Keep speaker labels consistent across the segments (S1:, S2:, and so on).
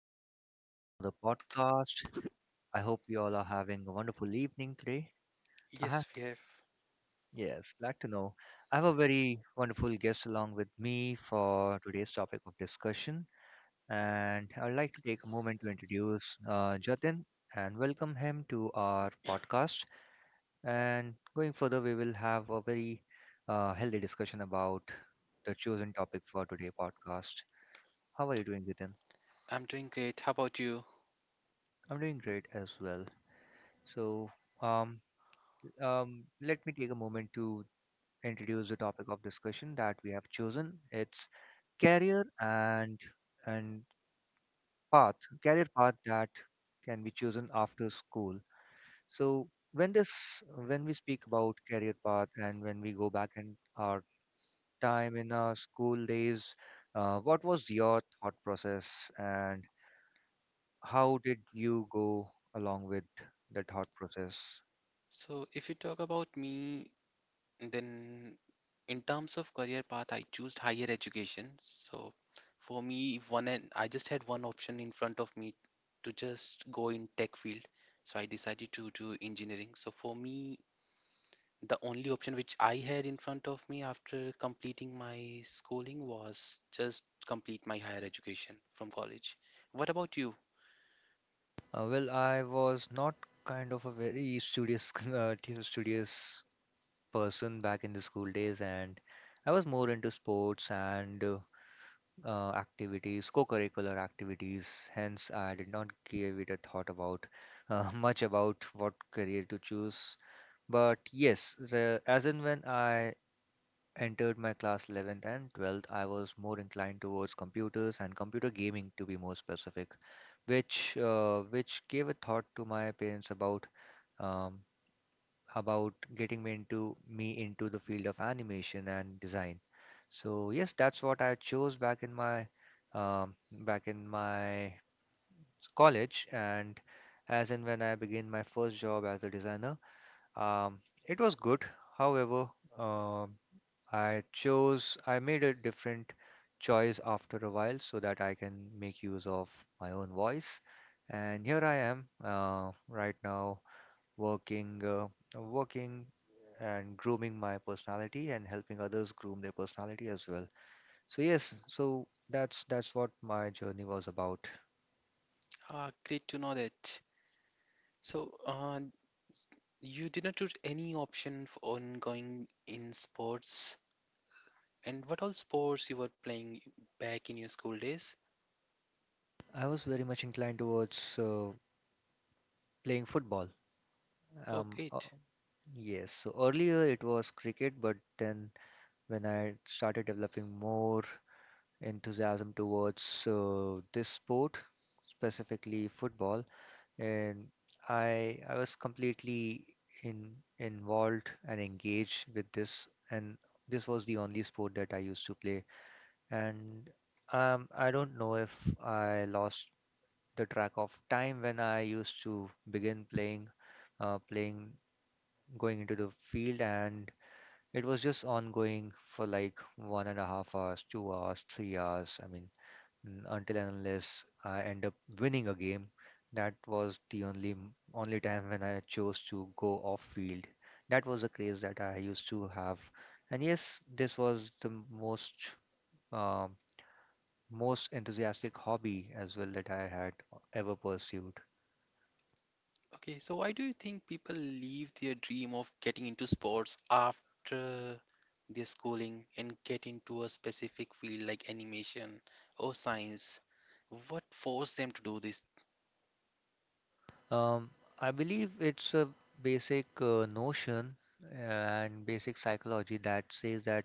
S1: in for yet another podcast. I hope you all are having a wonderful evening today. Uh-huh.
S2: Yes, we have.
S1: Yes, glad to know. I have a very wonderful guest along with me for today's topic of discussion, and I'd like to take a moment to introduce Jatin and welcome him to our podcast. And going further, we will have a very healthy discussion about the chosen topic for today's podcast. How are you doing, Jatin?
S2: I'm doing great. How about you?
S1: I'm doing great as well. So, um, let me take a moment to introduce the topic of discussion that we have chosen. It's career and path, career path that can be chosen after school. So, when we speak about career path and when we go back in our time in our school days, what was your thought process and how did you go along with the thought process?
S2: If you talk about me, then in terms of career path, I choose higher education. So, for me, one and I just had one option in front of me to just go in tech field. So, I decided to do engineering. So, for me, the only option which I had in front of me after completing my schooling was just complete my higher education from college. What about you?
S1: Well, I was not kind of a very studious, studious person back in the school days, and I was more into sports and activities, co-curricular activities. Hence, I did not give it a thought about much about what career to choose. But yes, the, as and when I entered my class 11th and 12th, I was more inclined towards computers and computer gaming to be more specific, which gave a thought to my parents um, about getting me into the field of animation and design. So yes, that's what I chose back in my um, back in my college and as and when I began my first job as a designer, um, it was good, however, um, I made a different choice after a while so that I can make use of my own voice. And here I am, right now working, uh, working and grooming my personality and helping others groom their personality as well. So yes, so that's what my journey was about.
S2: Ah, great to know that. So, uh, You did not choose any option on going in sports. And what all sports you were playing back in your school days?
S1: I was very much inclined towards playing football.
S2: Oh,
S1: Um, uh,
S2: great.
S1: yes, so earlier it was cricket, but then when I started developing more enthusiasm towards this sport, specifically football, and I was completely in involved and engaged with this, and this was the only sport that I used to play. And I don't know if I lost the track of time when I used to begin playing uh, playing going into the field, and it was just ongoing for like 1.5 hours, 2 hours, 3 hours. I mean, until and unless I end up winning a game, that was the only only time when I chose to go off field. That was the craze that I used to have, and yes, this was the most um, most enthusiastic hobby as well that I had ever pursued.
S2: Okay, so why do you think people leave their dream of getting into sports after their schooling and get into a specific field like animation or science? What forced them to do this?
S1: Um, I believe it's a basic notion and basic psychology that says that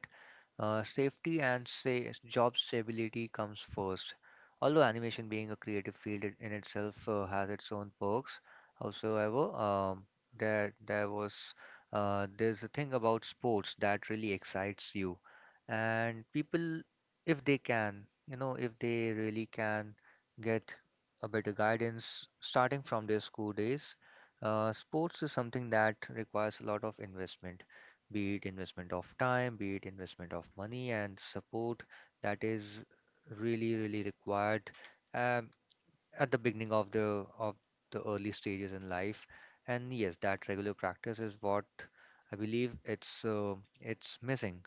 S1: safety and say job stability comes first. Although animation being a creative field in itself has its own perks, howsoever, there there was there's a thing about sports that really excites you, and people, if they can, you know, if they really can get a better guidance starting from their school days. Sports is something that requires a lot of investment, be it investment of time, be it investment of money, and support that is really, really required um, at the beginning of the early stages in life. And yes, that regular practice is what I believe it's missing,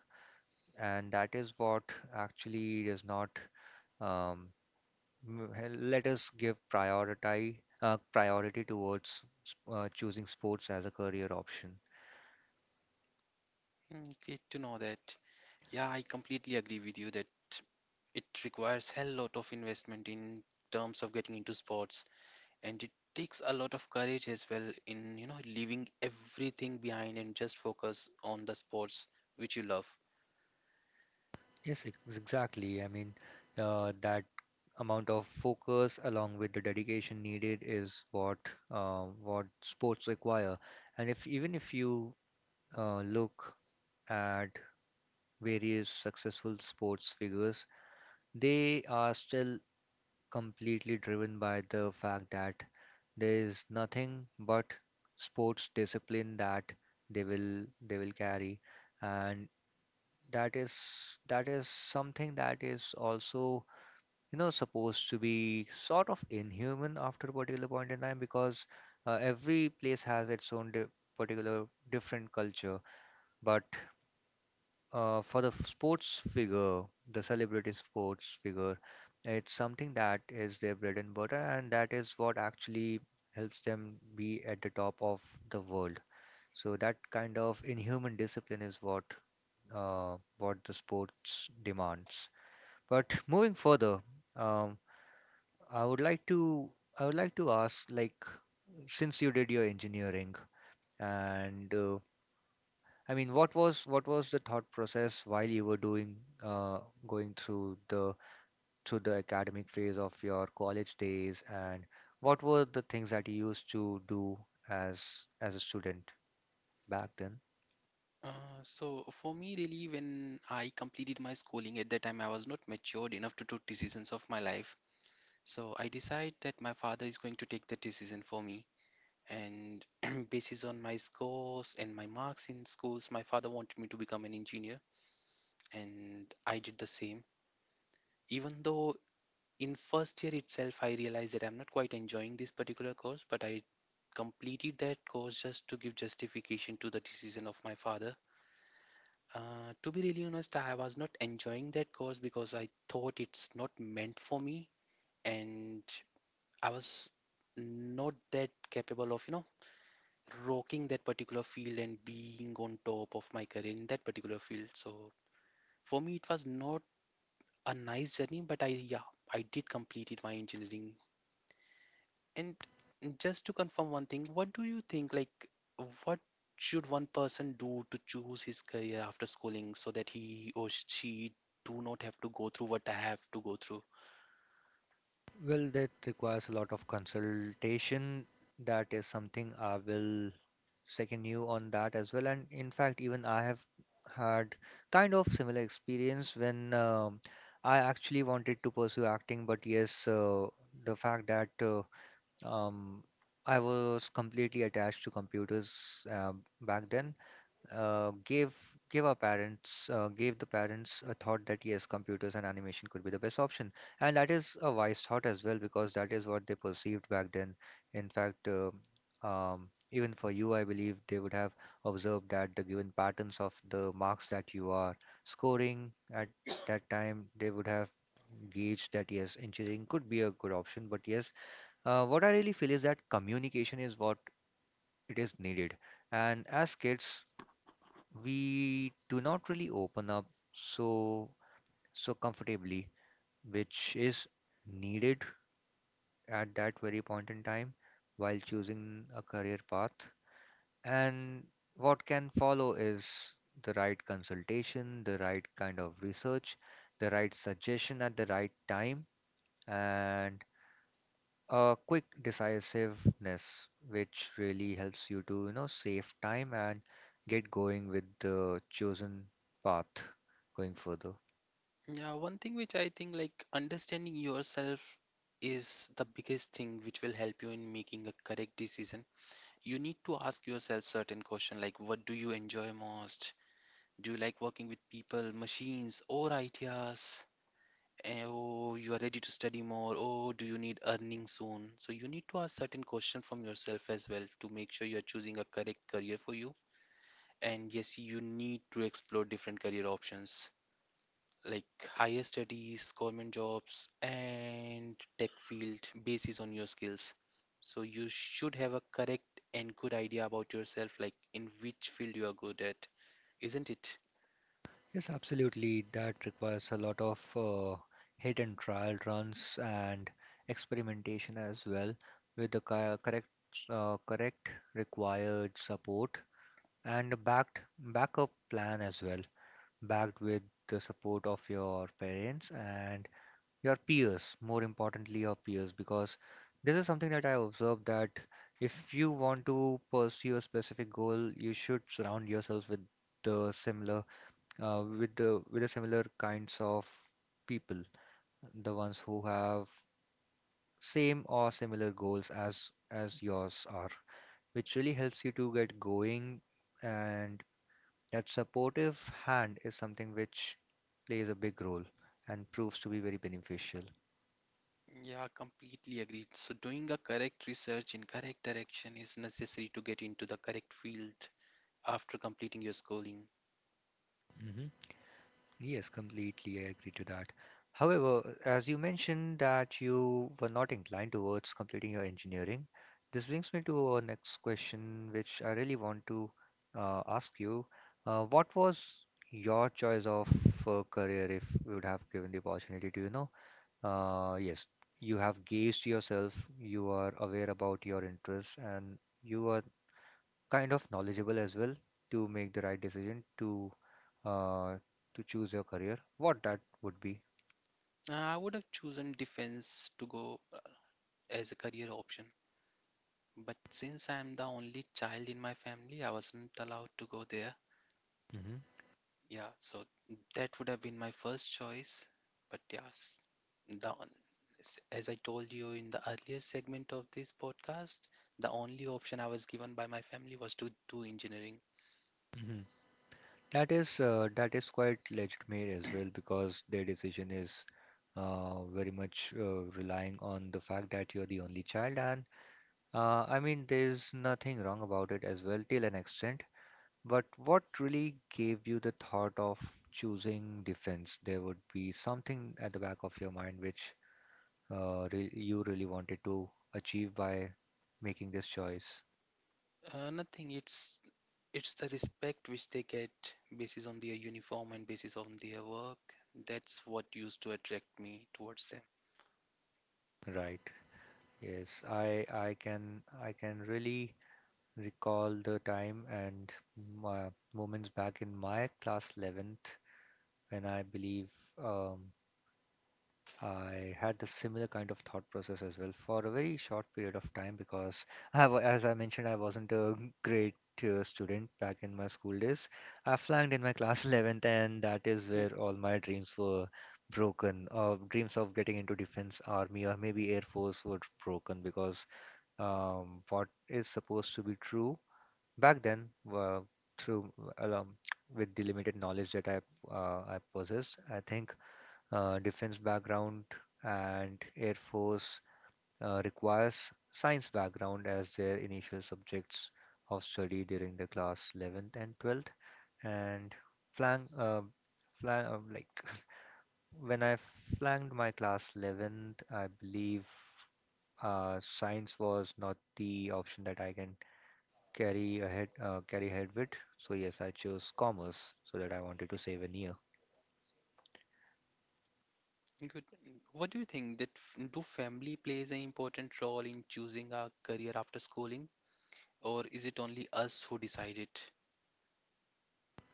S1: and that is what actually does not um, Let us give priority priority towards choosing sports as a career option.
S2: Great to know that. Yeah, I completely agree with you that it requires hell lot of investment in terms of getting into sports, and it takes a lot of courage as well in leaving everything behind and just focus on the sports which you love.
S1: Yes, exactly. I mean, that amount of focus along with the dedication needed is what sports require. And if even if you look at various successful sports figures, they are still completely driven by the fact that there is nothing but sports discipline that they will they will carry, and that is something that is also, you know, supposed to be sort of inhuman after a particular point in time because every place has its own di- particular different culture, but sports figure, the celebrity sports figure, it's something that is their bread and butter, and that is what actually helps them be at the top of the world. So that kind of inhuman discipline is what the sports demands. But moving further, um, I would like to I would like to ask, like, since you did your engineering and I mean, what was the thought process while you were doing uh, going through the academic phase of your college days, and what were the things that you used to do as as a student back then?
S2: So for me, really, when I completed my schooling at that time, I was not matured enough to take decisions of my life, so I decide that my father is going to take the decision for me. And basis on my scores and my marks in schools, my father wanted me to become an engineer, and I did the same. Even though in first year itself I realized that I'm not quite enjoying this particular course, but I completed that course just to give justification to the decision of my father. Uh, to be really honest, I was not enjoying that course because I thought it's not meant for me. And I was not that capable of, rocking that particular field and being on top of my career in that particular field. So for me it was not a nice journey, but I, yeah, I did completed my engineering. And just to confirm one thing, what do you think, like, what should one person do to choose his career after schooling so that he or she do not have to go through what I have to go through?
S1: Well, that requires a lot of consultation. That is something I will second you on that as well. And in fact, even I have had kind of similar experience when I actually wanted to pursue acting, but yes, the fact that um, I was completely attached to computers uh, back then, uh, gave gave our parents gave the parents a thought that yes, computers and animation could be the best option, and that is a wise thought as well because that is what they perceived back then. In fact, even for you, I believe they would have observed that the given patterns of the marks that you are scoring at that time, they would have gauged that yes, engineering could be a good option. But yes, what I really feel is that communication is what it is needed. And as kids, we do not really open up so so comfortably, which is needed at that very point in time while choosing a career path. And what can follow is the right consultation, the right kind of research, the right suggestion at the right time, and a quick decisiveness which really helps you to, you know, save time and get going with the chosen path going further.
S2: Yeah, one thing which I think, like, understanding yourself is the biggest thing which will help you in making a correct decision. You need to ask yourself certain question like, what do you enjoy most? Do you like working with people, machines, or ideas? Oh, you are ready to study more. Oh, do you need earning soon? So you need to ask certain question from yourself as well to make sure you are choosing a correct career for you. And yes, you need to explore different career options like higher studies, government jobs, and tech field basis on your skills. So you should have a correct and good idea about yourself, like in which field you are good at, isn't it?
S1: Yes, absolutely, that requires a lot of hit and trial runs and experimentation as well with the correct required support and a backed backup plan as well backed with the support of your parents and your peers, more importantly, your peers, because this is something that I observed that if you want to pursue a specific goal, you should surround yourself the similar, with the similar kinds of people, the ones who have same or similar goals as yours are, which really helps you to get going, and that supportive hand is something which plays a big role and proves to be very beneficial.
S2: Yeah, completely agreed. So, doing a correct research in correct direction is necessary to get into the correct field after completing your schooling.
S1: Mhm. Yes, completely. I agree to that. However, as you mentioned that you were not inclined towards completing your engineering, this brings me to our next question, which I really want to ask you. What was your choice of career if you would have given the opportunity to, you know? Yes, you have gauged yourself, you are aware about your interests, and you are kind of knowledgeable as well to make the right decision uh, to choose your career, what that would be.
S2: I would have chosen defense to go as a career option, but since I'm the only child in my family, I wasn't allowed to go there.
S1: Hmm.
S2: Yeah, so that would have been my first choice, but yes, the on- as I told you in the earlier segment of this podcast, the only option I was given by my family was to do engineering.
S1: Hmm. That is quite legitimate as well because their decision is very much relying on the fact that you're the only child, and I mean there's nothing wrong about it as well till an extent. But what really gave you the thought of choosing defense? There would be something at the back of your mind which you really wanted to achieve by making this choice.
S2: Nothing. It's the respect which they get basis on their uniform and basis on their work. That's what used to attract me towards them.
S1: Right. Yes, I can really recall the time and my moments back in my class 11th when I believe um, I had the similar kind of thought process as well for a very short period of time because as I mentioned, I wasn't a great student back in my school days. I flunked in my class 11th, and that is
S2: Hmm.
S1: where all my dreams were broken. Or dreams of getting into defense, army, or maybe air force were broken because what is supposed to be true back then, uh, through along with the limited knowledge that I possessed, I think defense background and Air Force requires science background as their initial subjects of study during the class 11th and 12th. And flank, flank like when I flanked my class 11th, I believe science was not the option that I can carry ahead with. So yes, I chose commerce so that I wanted to save a year.
S2: Good. What do you think that do family plays an important role in choosing our career after schooling, or is it only us who decide it?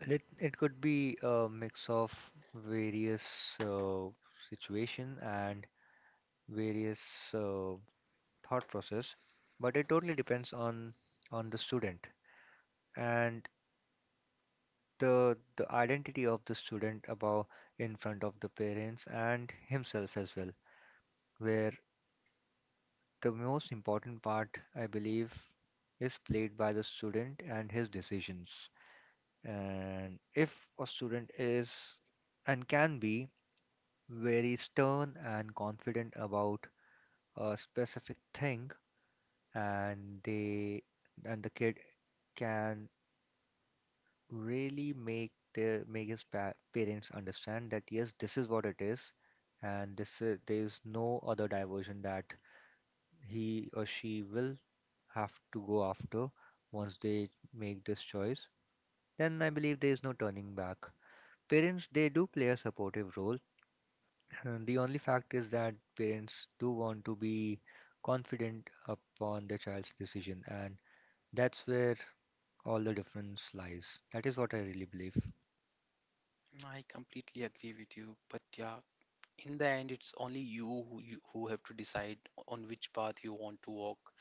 S1: It could be a mix of various situation and various uh, thought process, but it totally depends on the student and the identity of the student about in front of the parents and himself as well, where the most important part, I believe, is played by the student and his decisions. And if a student is and can be very stern and confident about a specific thing and they and the kid can really make their make his parents understand that yes, this is what it is, and this is, there is no other diversion that he or she will have to go after once they make this choice. Then I believe there is no turning back. Parents, they do play a supportive role. And the only fact is that parents do want to be confident upon their child's decision, and that's where all the difference lies. That is what I really believe.
S2: I completely agree with you, but yeah, in the end, it's only you who have to decide on which path you want to walk.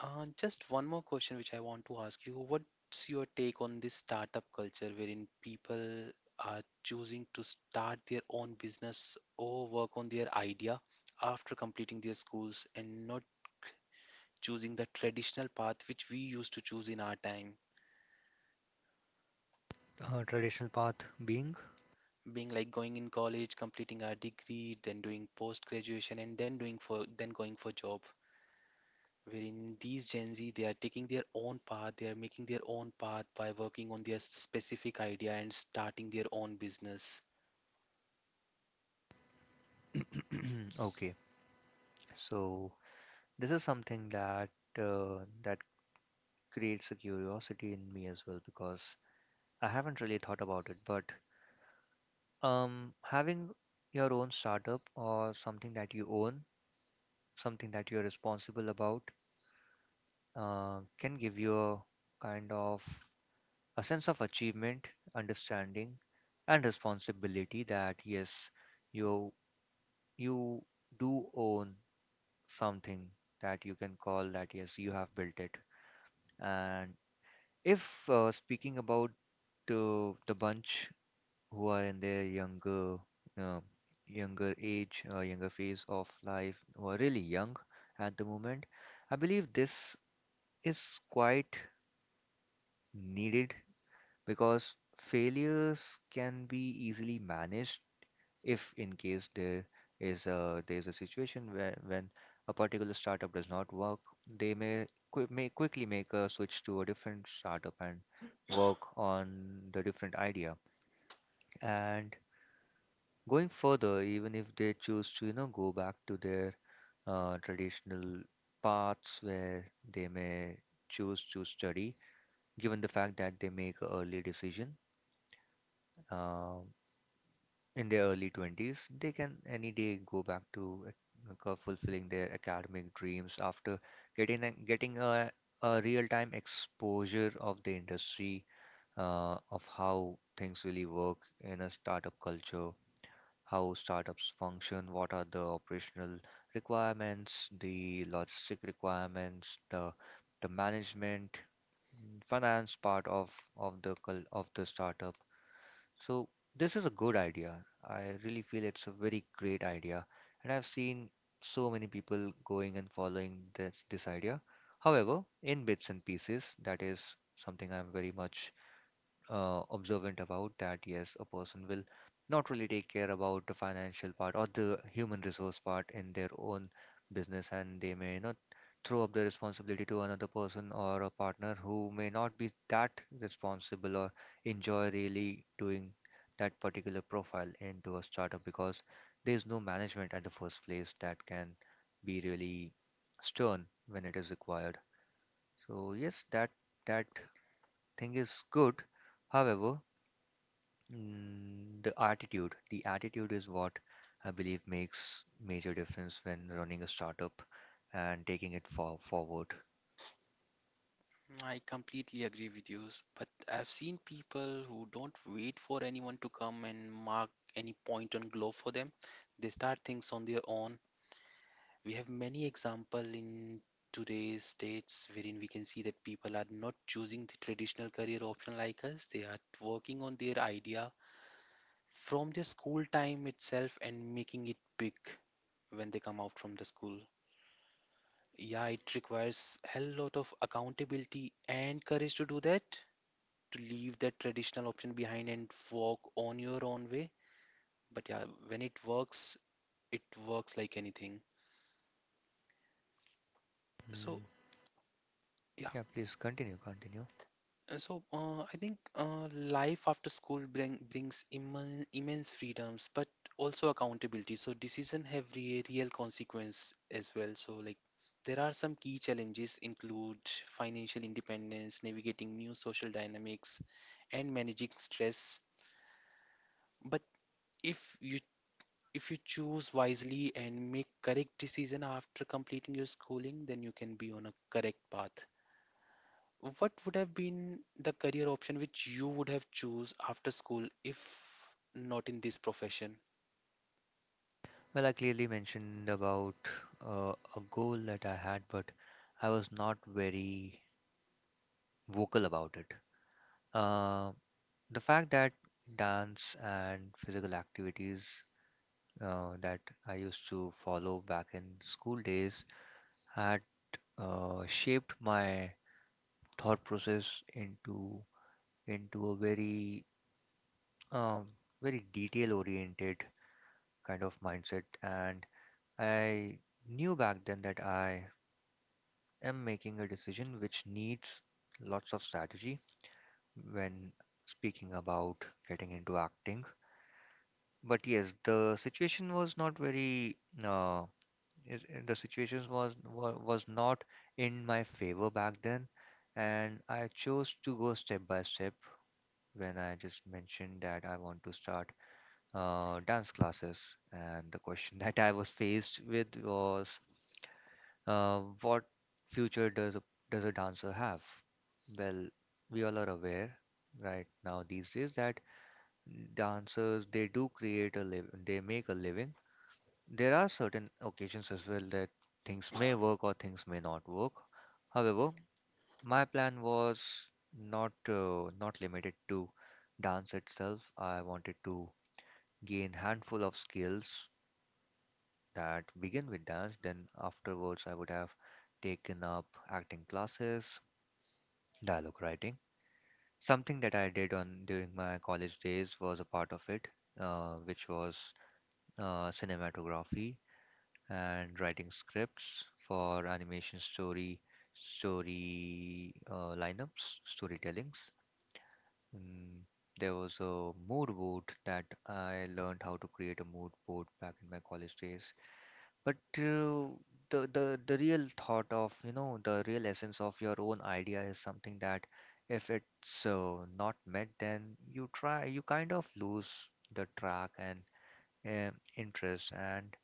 S2: Just one more question which I want to ask you. What's your take on this startup culture wherein people are choosing to start their own business or work on their idea after completing their schools and not choosing the traditional path which we used to choose in our time,
S1: Traditional path being
S2: being like going in college, completing our degree, then doing post graduation, and then doing for then going for job, wherein these Gen Z, they are taking their own path, they are making their own path by working on their specific idea and starting their own business. S-
S1: okay. So this is something that that creates a curiosity in me as well because I haven't really thought about it. But having your own startup or something that you own, something that you're responsible about, can give you a kind of a sense of achievement, understanding, and responsibility that yes, you you do own something that you can call that yes, you have built it. And if speaking about to the bunch who are in their younger uh, younger age younger phase of life who are really young at the moment, I believe this is quite needed because failures can be easily managed if in case there is a situation where when a particular startup does not work, they may quickly make a switch to a different startup and work on the different idea. And going further, even if they choose to, you know, go back to their traditional paths where they may choose to study given the fact that they make a early decision. Uh, in their early 20s, they can any day go back to fulfilling their academic dreams after getting a real-time exposure of the industry, of how things really work in a startup culture, how startups function, what are the operational requirements, the logistic requirements, the management, mm, finance part of the of the startup. So this is a good idea. I really feel it's a very great idea, and I've seen so many people going and following this idea. However, in bits and pieces, that is something I'm very much observant about, that yes, a person will not really take care about the financial part or the human resource part in their own business, and they may not throw up the responsibility to another person or a partner who may not be that responsible or enjoy really doing that particular profile into a startup because there's no management at the first place that can be really stern when it is required. So yes, that thing is good. However, the attitude is what I believe makes major difference when running a startup and taking it for forward.
S2: I completely agree with you, but I've seen people who don't wait for anyone to come and mark any point on globe for them. They start things on their own. We have many example in today's states wherein we can see that people are not choosing the traditional career option like us. They are working on their idea from their school time itself and making it big when they come out from the school. Yeah, it requires hell lot of accountability and courage to do that, to leave that traditional option behind and walk on your own way. But yeah, when it works like anything. So
S1: Mm, yeah, please continue, continue.
S2: I think life after school brings immense freedoms, but also accountability. So, decision have re real consequence as well. So, like, there are some key challenges include financial independence, navigating new social dynamics, and managing stress. But if you, if you choose wisely and make correct decision after completing your schooling, then you can be on a correct path. What would have been the career option which you would have choose after school if not in this profession?
S1: Well, I clearly mentioned about a goal that I had, but I was not very vocal about it. Uh, the fact that dance and physical activities that I used to follow back in school days had shaped my thought process into a very um, very detail oriented kind of mindset, and I knew back then that I am making a decision which needs lots of strategy when speaking about getting into acting. But yes, the situation was not very uh, the situation was not in my favor back then, and I chose to go step by step when I just mentioned that I want to start dance classes. And the question that I was faced with was, what future does a dancer have? Well, we all are aware right now these days that dancers, they do create a liv they make a living. There are certain occasions as well that things may work or things may not work. However, my plan was not not limited to dance itself. I wanted to gain handful of skills that begin with dance. Then afterwards, I would have taken up acting classes, dialogue writing. Something that I did on during my college days was a part of it, which was cinematography and writing scripts for animation story story lineups, storytellings. Mm, there was a mood board that I learned how to create a mood board back in my college days. But the real thought of, you know, the real essence of your own idea is something that if it's not met, then you try, you kind of lose the track and interest. And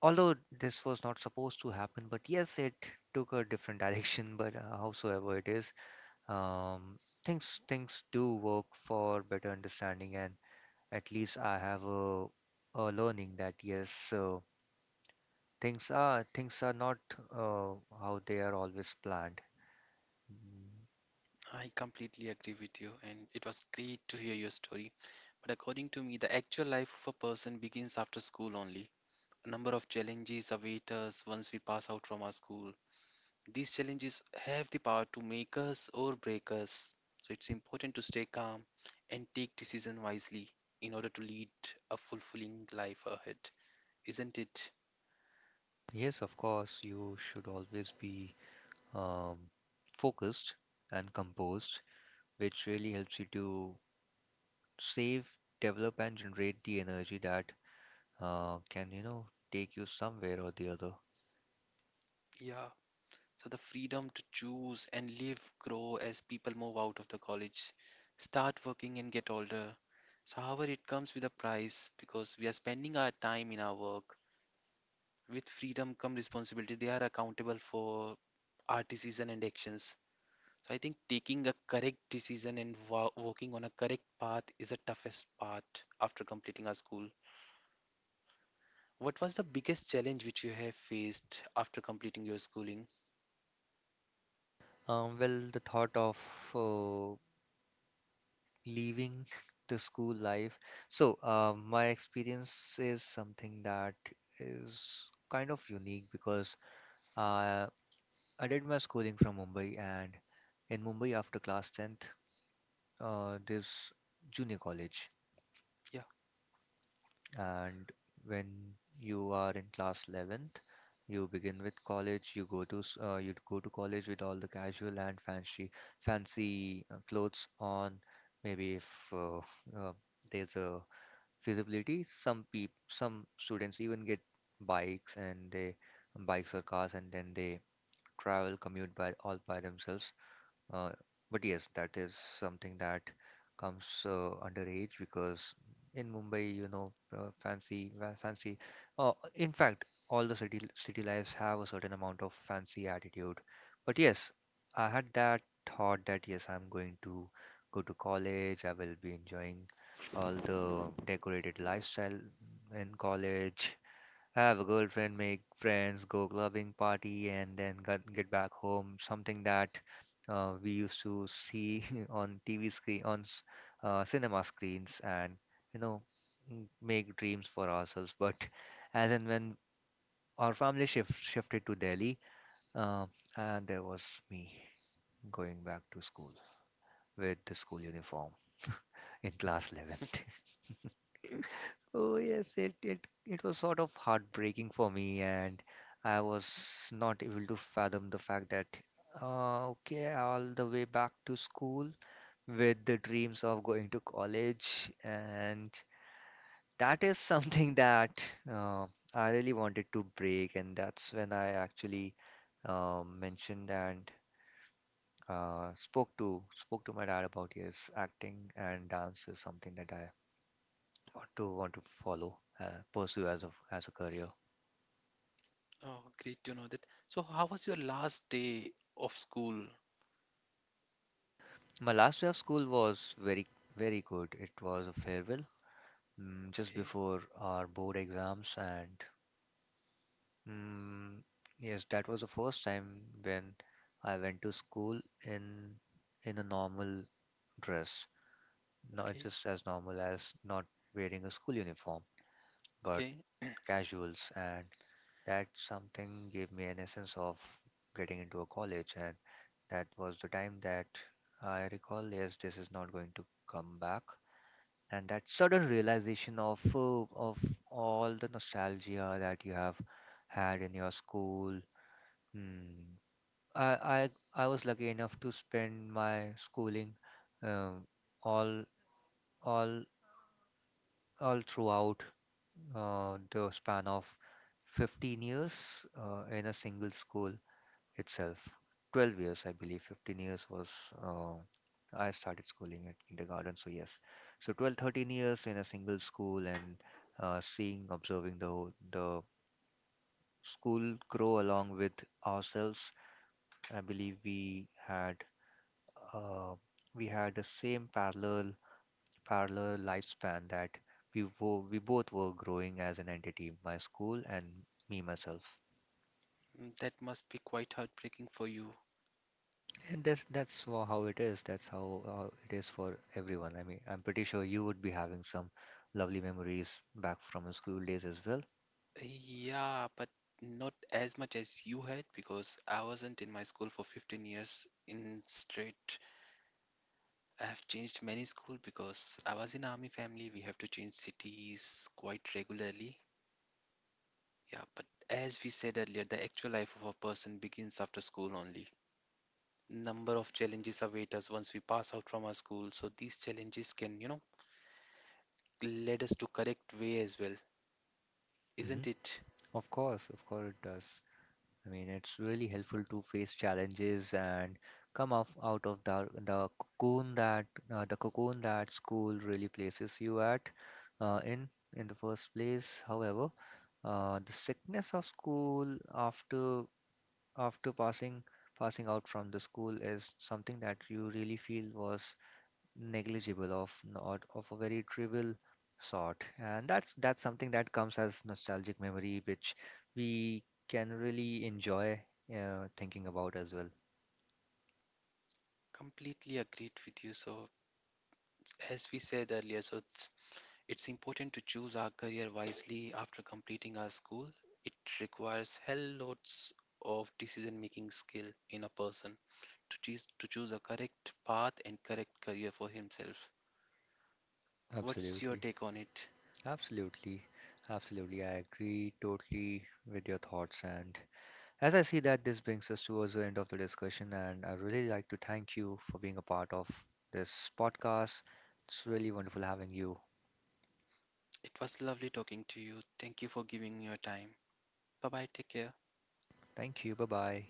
S1: although this was not supposed to happen, but yes, it took a different direction. But howsoever it is, um, things do work for better understanding, and at least I have a learning that yes things are not uh, how they are always planned. Mm,
S2: I completely agree with you, and it was great to hear your story. But according to me, the actual life of a person begins after school only. A number of challenges await us once we pass out from our school. These challenges have the power to make us or break us. So it's important to stay calm and take decision wisely in order to lead a fulfilling life ahead, isn't it?
S1: yes, of course, you should always be um, focused and composed, which really helps you to save, develop and generate the energy that can, you know, take you somewhere or the other.
S2: Yeah. So the freedom to choose and live grow as people move out of the college, start working and get older. So however it comes with a price because we are spending our time in our work. With freedom come responsibility. They are accountable for our decision and actions. So I think taking a correct decision and walking on a correct path is the toughest part after completing our school. What was the biggest challenge which you have faced after completing your schooling?
S1: Well, the thought of uh, leaving the school life. So, my experience is something that is kind of unique because uh, I did my schooling from Mumbai, and in Mumbai, after class 10th, there's junior college,
S2: Yeah.
S1: and when you are in class 11th, you begin with college. You go to you go to college with all the casual and fancy fancy clothes on. Maybe if uh, uh, there's a feasibility. Some students even get bikes, and they bikes or cars and then they commute by all by themselves. Uh, but yes, that is something that comes under age because in Mumbai, you know, fancy. In fact, all the city lives have a certain amount of fancy attitude. But yes, I had that thought that yes, I'm going to go to college. I will be enjoying all the decorated lifestyle in college. Have a girlfriend, make friends, go clubbing, party, and then get back home. Something that we used to see on TV screen, on cinema screens, and you know, make dreams for ourselves. But as and when our shifted to Delhi, uh, and there was me going back to school with the school uniform in class 11th. Oh yes, it was sort of heartbreaking for me, and I was not able to fathom the fact that okay, all the way back to school with the dreams of going to college, and that is something that uh, I really wanted to break, and that's when I actually mentioned and spoke to my dad about yes, acting and dance is something that I want to follow, pursue as a career.
S2: Oh, great to know that. So, how was your last day of school?
S1: My last day of school was very good. It was a farewell mm, just
S2: Okay,
S1: before our board exams, and mm, yes, that was the first time when I went to school in a normal dress, not
S2: okay,
S1: just as normal as not wearing a school uniform, but
S2: okay.
S1: casuals, and that something gave me an essence of getting into a college. And that was the time that I recall, yes, this is not going to come back, and that sudden realization of all the nostalgia that you have had in your school. Hmm. I, I was lucky enough to spend my schooling um, all all all throughout the span of 15 years in a single school itself. 12 years, I believe 15 years was uh, I started schooling at kindergarten, so yes, so 12 13 years in a single school. And seeing observing the the school grow along with ourselves. I believe had uh, we had the same parallel lifespan that we both were growing as an entity, my school and me myself.
S2: Mm, that must be quite heartbreaking for you.
S1: And how it is. That's how it is for everyone. I mean, I'm pretty sure you would be having some lovely memories back from your school days as well.
S2: Eh, Yeah, but not as much as you had because I wasn't in my school for 15 years in straight. I have changed many school because I was in army family. We have to change cities quite regularly. Yeah, but as we said earlier, the actual life of a person begins after school only. Number of challenges await us once we pass out from our school, so these challenges can, you know, lead us to correct way as well,
S1: Hmm.
S2: isn't it?
S1: Of course it does. I mean, it's really helpful to face challenges and come off out of the cocoon that the cocoon that school really places you at in in the first place. However, the sickness of school after after passing out from the school is something that you really feel was negligible of not of a very trivial sort, and that's something that comes as nostalgic memory which we can really enjoy thinking about as well.
S2: Completely agreed with you. So, as we said earlier, it's important to choose our career wisely after completing our school. It requires hell lots of decision-making skill in a person to choose a correct path and correct career for himself. What's your
S1: Absolutely.
S2: take on it?
S1: Absolutely absolutely I agree totally with your thoughts. And as I see that, this brings us towards the end of the discussion, and I really like to thank you for being a part of this podcast. It's really wonderful having you.
S2: It was lovely talking to you. Thank you for giving me your time. Bye bye. Take care.
S1: Thank you. Bye bye.